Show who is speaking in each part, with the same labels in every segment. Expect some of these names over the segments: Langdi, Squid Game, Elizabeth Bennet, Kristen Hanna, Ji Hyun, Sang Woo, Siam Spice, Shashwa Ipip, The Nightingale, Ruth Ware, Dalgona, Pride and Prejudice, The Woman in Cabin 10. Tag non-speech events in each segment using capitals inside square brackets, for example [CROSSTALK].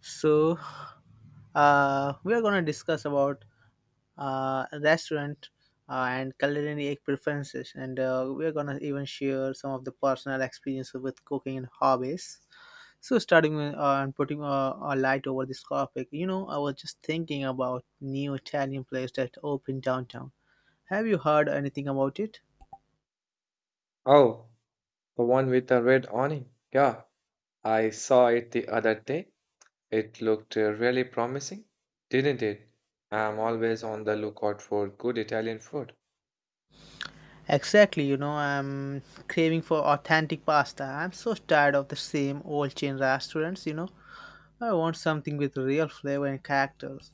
Speaker 1: So, we are gonna discuss about restaurant and culinary preferences, and we are gonna even share some of the personal experiences with cooking and hobbies. So, starting with, and putting a light over this topic, you know, I was just thinking about new Italian place that opened downtown. Have you heard anything about it?
Speaker 2: Oh, the one with the red awning. Yeah, I saw it the other day. It looked really promising, didn't it? I'm always on the lookout for good Italian food.
Speaker 1: Exactly, you know, I'm craving for authentic pasta. I'm so tired of the same old chain restaurants, you know. I want something with real flavor and characters.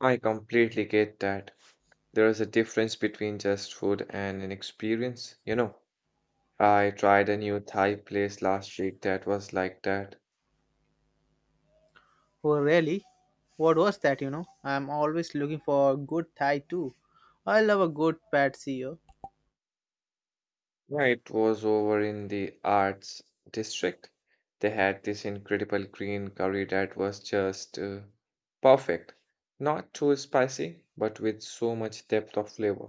Speaker 2: I completely get that. There is a difference between just food and an experience, you know. I tried a new Thai place last week that was like that.
Speaker 1: Oh, really? What was that, you know? I'm always looking for a good Thai too. I love a good pad see ew.
Speaker 2: Yeah, it was over in the arts district. They had this incredible green curry that was just perfect. Not too spicy, but with so much depth of flavor.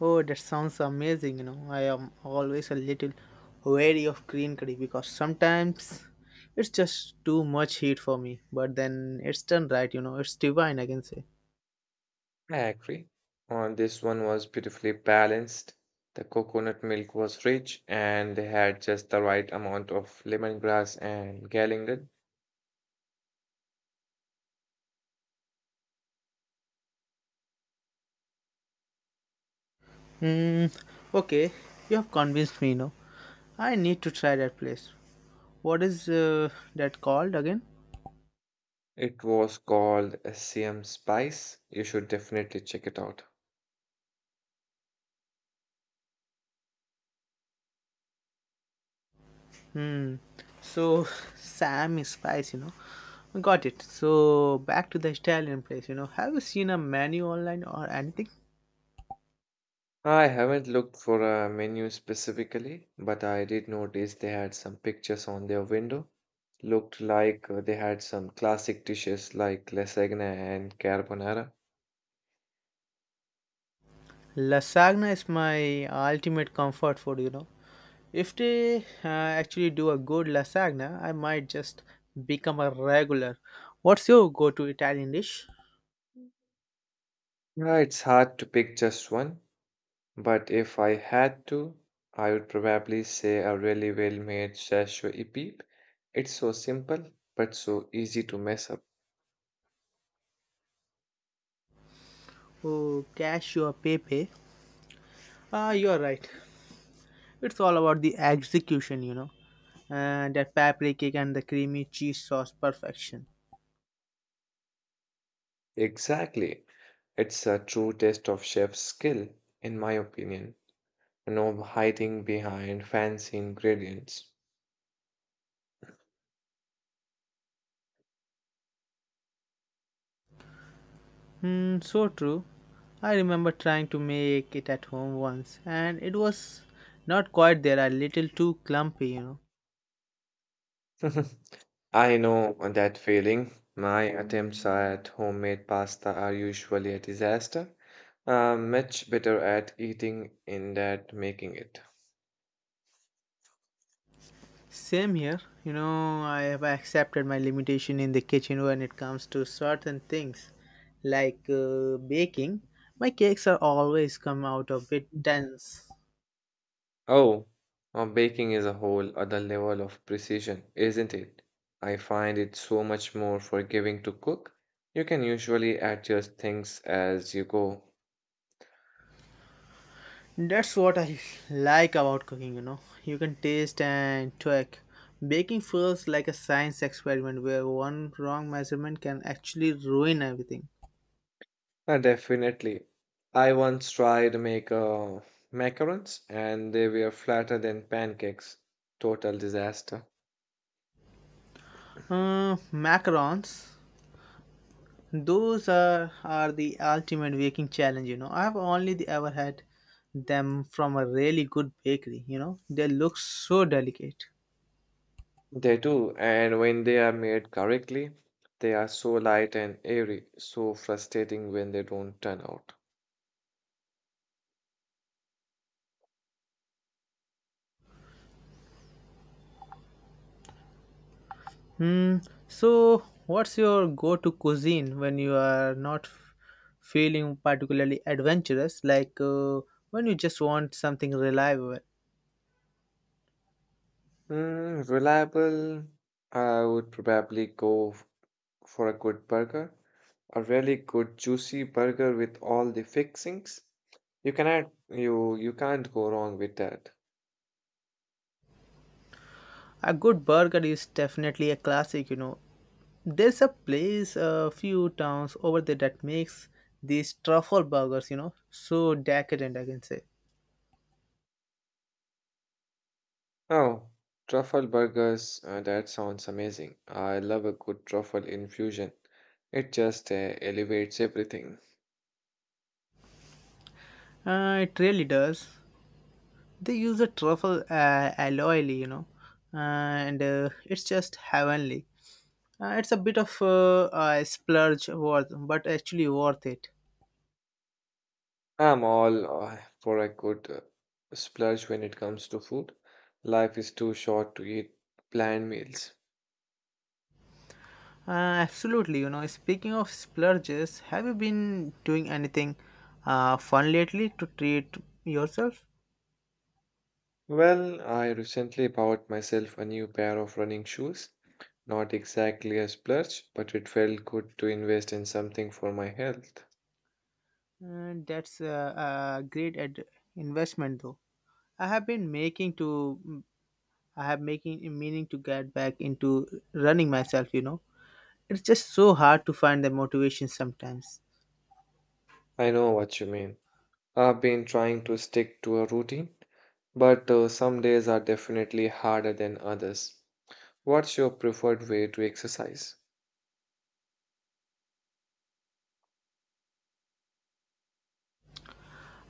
Speaker 1: Oh, that sounds amazing, you know. I am always a little wary of green curry because sometimes it's just too much heat for me. But then it's done right, you know. It's divine, I can say.
Speaker 2: I agree. On this one was beautifully balanced. The coconut milk was rich, and they had just the right amount of lemongrass and galangal.
Speaker 1: Hmm. Okay, you have convinced me, you know. I need to try that place. What is that called again?
Speaker 2: It was called Siam Spice. You should definitely check it out.
Speaker 1: Hmm. So [LAUGHS] Sam is spice, you know. Got it. So back to the Italian place, you know. Have you seen a menu online or anything?
Speaker 2: I haven't looked for a menu specifically, but I did notice they had some pictures on their window. Looked like they had some classic dishes like lasagna and carbonara.
Speaker 1: Lasagna is my ultimate comfort food, you know. If they actually do a good lasagna, I might just become a regular. What's your go-to Italian dish?
Speaker 2: Yeah, it's hard to pick just one, but if I had to, I would probably say a really well-made Shashwa Ipip. It's so simple, but so easy to mess up.
Speaker 1: Oh, cashew or pepe. Ah, you're right. It's all about the execution, you know. And that paprika and the creamy cheese sauce perfection.
Speaker 2: Exactly. It's a true test of chef's skill, in my opinion. You know, hiding behind fancy ingredients.
Speaker 1: Hmm, so true. I remember trying to make it at home once, and it was not quite there, a little too clumpy, you know.
Speaker 2: [LAUGHS] I know that feeling. My attempts at homemade pasta are usually a disaster. I'm much better at eating in that making it.
Speaker 1: Same here, you know, I have accepted my limitation in the kitchen when it comes to certain things like baking. My cakes are always come out a bit
Speaker 2: Mhm.
Speaker 1: dense.
Speaker 2: Oh, baking is a whole other level of precision, isn't it? I find it so much more forgiving to cook. You can usually adjust things as you go.
Speaker 1: That's what I like about cooking, you know. You can taste and tweak. Baking feels like a science experiment where one wrong measurement can actually ruin everything.
Speaker 2: Definitely. I once tried to make macarons and they were flatter than pancakes. Total disaster.
Speaker 1: Macarons, those are the ultimate baking challenge, you know. I've only ever had them from a really good bakery, you know. They look so delicate.
Speaker 2: They do, and when they are made correctly, they are so light and airy, so frustrating when they don't turn out.
Speaker 1: Hmm. So, what's your go-to cuisine when you are not feeling particularly adventurous? Like when you just want something reliable.
Speaker 2: Mm, reliable, I would probably for a good burger, a really good juicy burger with all the fixings. You can add, you can't go wrong with that.
Speaker 1: A good burger is definitely a classic. You know, there's a place, a few towns over there that makes these truffle burgers. You know, so decadent, I can say.
Speaker 2: Oh, truffle burgers, that sounds amazing. I love a good truffle infusion. It just elevates everything.
Speaker 1: It really does. They use a truffle alloy, you know, and it's just heavenly. It's a bit of a splurge worth, but actually worth it.
Speaker 2: I'm all for a good splurge when it comes to food. Life is too short to eat bland meals.
Speaker 1: Uh, Absolutely, you know. Speaking of splurges, have you been doing anything fun lately to treat yourself?
Speaker 2: Well, I recently bought myself a new pair of running shoes. Not exactly a splurge, but it felt good to invest in something for my health.
Speaker 1: That's a great investment, though. I have been making to, I have making meaning to get back into running myself. You know, it's just so hard to find the motivation sometimes.
Speaker 2: I know what you mean. I've been trying to stick to a routine but some days are definitely harder than others. What's your preferred way to exercise?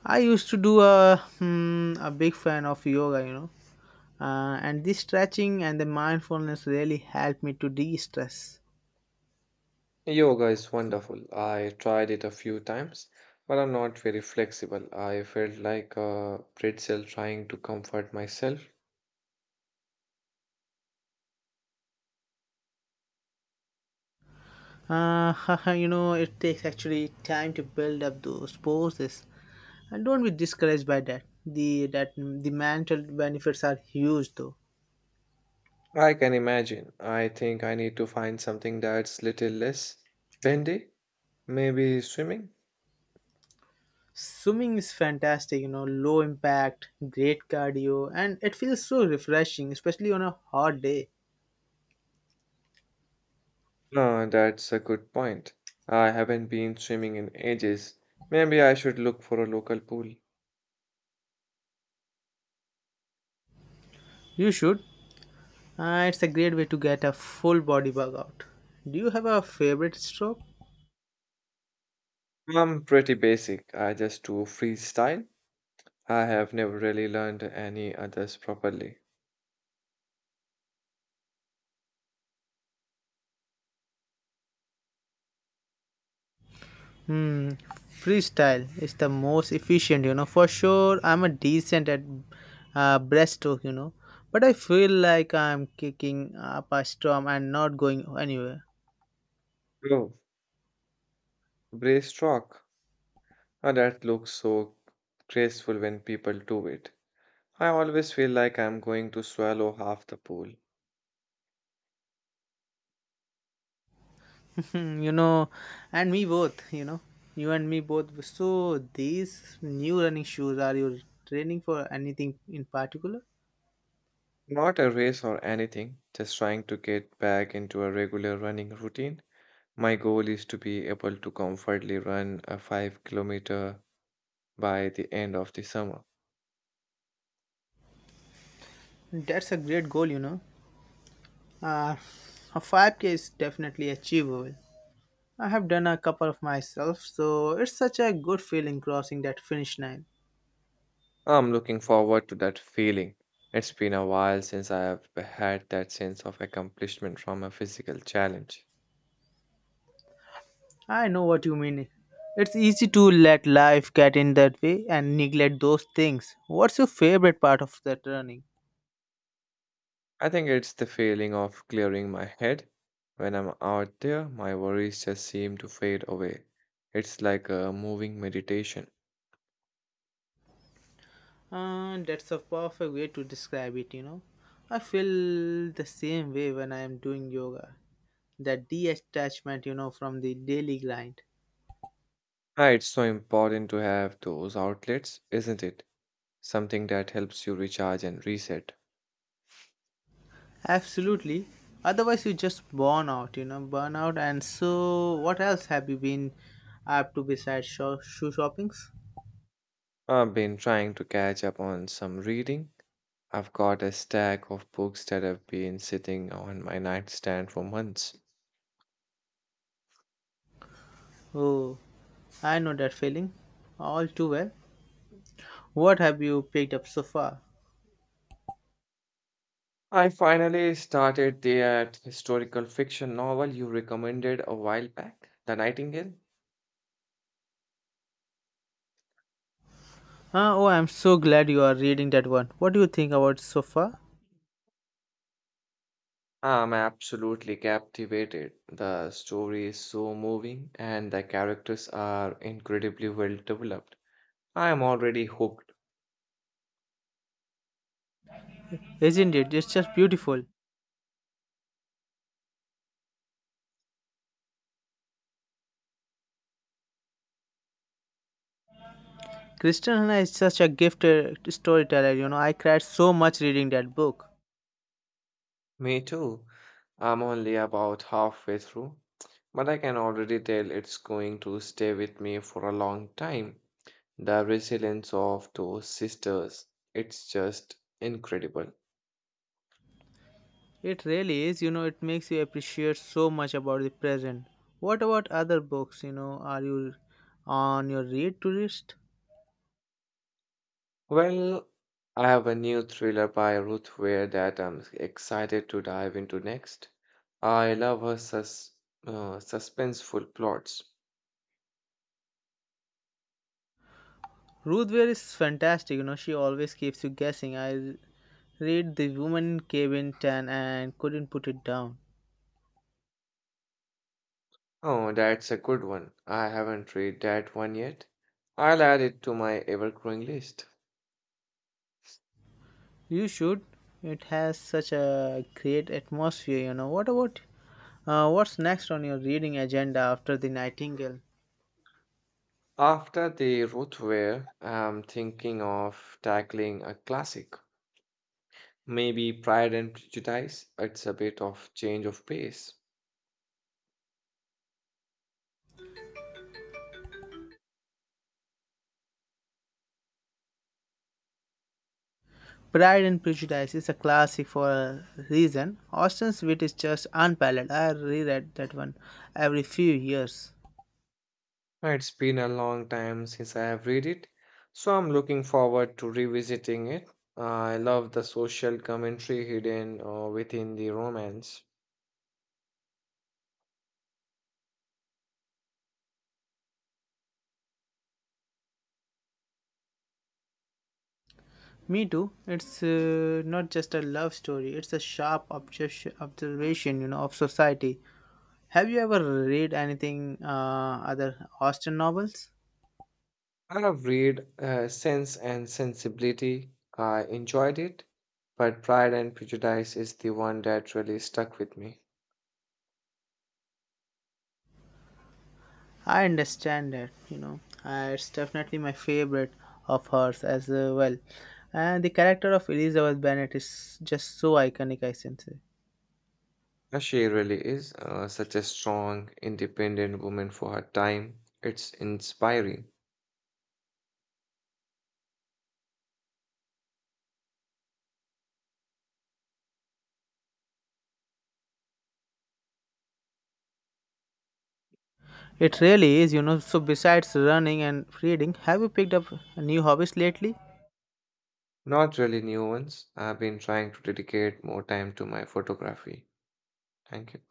Speaker 1: I used to do a a big fan of yoga, you know, and this stretching and the mindfulness really helped me to de-stress.
Speaker 2: Yoga is wonderful. I tried it a few times, but I'm not very flexible. I felt like a pretzel trying to comfort myself.
Speaker 1: Uh, [LAUGHS] you know, it takes actually time to build up those poses, and don't be discouraged by that. The mental benefits are huge though.
Speaker 2: I can imagine. I think I need to find something that's little less bendy. Maybe swimming?
Speaker 1: Swimming is fantastic, you know, low impact, great cardio, and it feels so refreshing, especially on a hot day.
Speaker 2: No, that's a good point. I haven't been swimming in ages. Maybe I should look for a local pool.
Speaker 1: You should. Ah, it's a great way to get a full body bug out. Do you have a favorite stroke?
Speaker 2: I'm pretty basic. I just do freestyle. I have never really learned any others properly.
Speaker 1: Hmm, freestyle is the most efficient, you know. For sure, I'm a decent at breaststroke, you know, but I feel like I'm kicking up a storm and not going anywhere.
Speaker 2: Oh, brace stroke. Oh, that looks so graceful when people do it. I always feel like I'm going to swallow half the pool.
Speaker 1: Hmm, you know, and me both, you know, you and me both. So these new running shoes, are you training for anything in particular?
Speaker 2: Not a race or anything, just trying to get back into a regular running routine. My goal is to be able to comfortably run a 5-kilometer by the end of the summer.
Speaker 1: That's a great goal, you know. Uh, a 5k is definitely achievable. I have done a couple of myself, so it's such a good feeling crossing that finish line.
Speaker 2: I'm looking forward to that feeling. It's been a while since I have had that sense of accomplishment from a physical challenge.
Speaker 1: I know what you mean. It's easy to let life get in that way and neglect those things. What's your favorite part of that running?
Speaker 2: I think it's the feeling of clearing my head. When I'm out there, my worries just seem to fade away. It's like a moving meditation.
Speaker 1: That's a perfect way to describe it, you know. I feel the same way when I am doing yoga. That detachment, you know, from the daily grind.
Speaker 2: Ah, it's so important to have those outlets, isn't it? Something that helps you recharge and reset.
Speaker 1: Absolutely. Otherwise, you just burn out, you know, burn out. And so, what else have you been up to besides shoe shoppings?
Speaker 2: I've been trying to catch up on some reading. I've got a stack of books that have been sitting on my nightstand for months.
Speaker 1: Oh, I know that feeling all too well. What have you picked up so far?
Speaker 2: I finally started that historical fiction novel you recommended a while back, The Nightingale.
Speaker 1: Ah, oh, I'm so glad you are reading that one. What do you think about so far?
Speaker 2: I'm absolutely captivated. The story is so moving and the characters are incredibly well developed. I am already hooked.
Speaker 1: Isn't it? It's just beautiful. Kristen Hanna is such a gifted storyteller, you know. I cried so much reading that book.
Speaker 2: Me too. I'm only about halfway through, but I can already tell it's going to stay with me for a long time. The resilience of those sisters, it's just incredible.
Speaker 1: It really is, you know, it makes you appreciate so much about the present. What about other books, you know, are you on your read to list?
Speaker 2: Well, I have a new thriller by Ruth Ware that I'm excited to dive into next. I love her suspenseful plots.
Speaker 1: Ruth Ware is fantastic, you know, she always keeps you guessing. I read The Woman in Cabin 10 and couldn't put it down.
Speaker 2: Oh, that's a good one. I haven't read that one yet. I'll add it to my ever-growing list.
Speaker 1: You should. It has such a great atmosphere, you know. What about what's next on your reading agenda after The Nightingale?
Speaker 2: After the Ruth Ware, I'm thinking of tackling a classic. Maybe Pride and Prejudice. It's a bit of change of pace.
Speaker 1: Pride and Prejudice is a classic for a reason. Austen's wit is just unparalleled. I reread that one every few years.
Speaker 2: It's been a long time since I have read it, so I'm looking forward to revisiting it. I love the social commentary hidden within the romance.
Speaker 1: Me too. It's not just a love story. It's a sharp observation, you know, of society. Have you ever read anything other Austen novels?
Speaker 2: I have read Sense and Sensibility. I enjoyed it, but Pride and Prejudice is the one that really stuck with me.
Speaker 1: I understand that, you know. It's definitely my favorite of hers as well. And the character of Elizabeth Bennet is just so iconic, I sense.
Speaker 2: She really is such a strong, independent woman for her time. It's inspiring.
Speaker 1: It really is, you know. So, besides running and reading, have you picked up new hobbies lately?
Speaker 2: Not really new ones. I've been trying to dedicate more time to my photography. Thank you.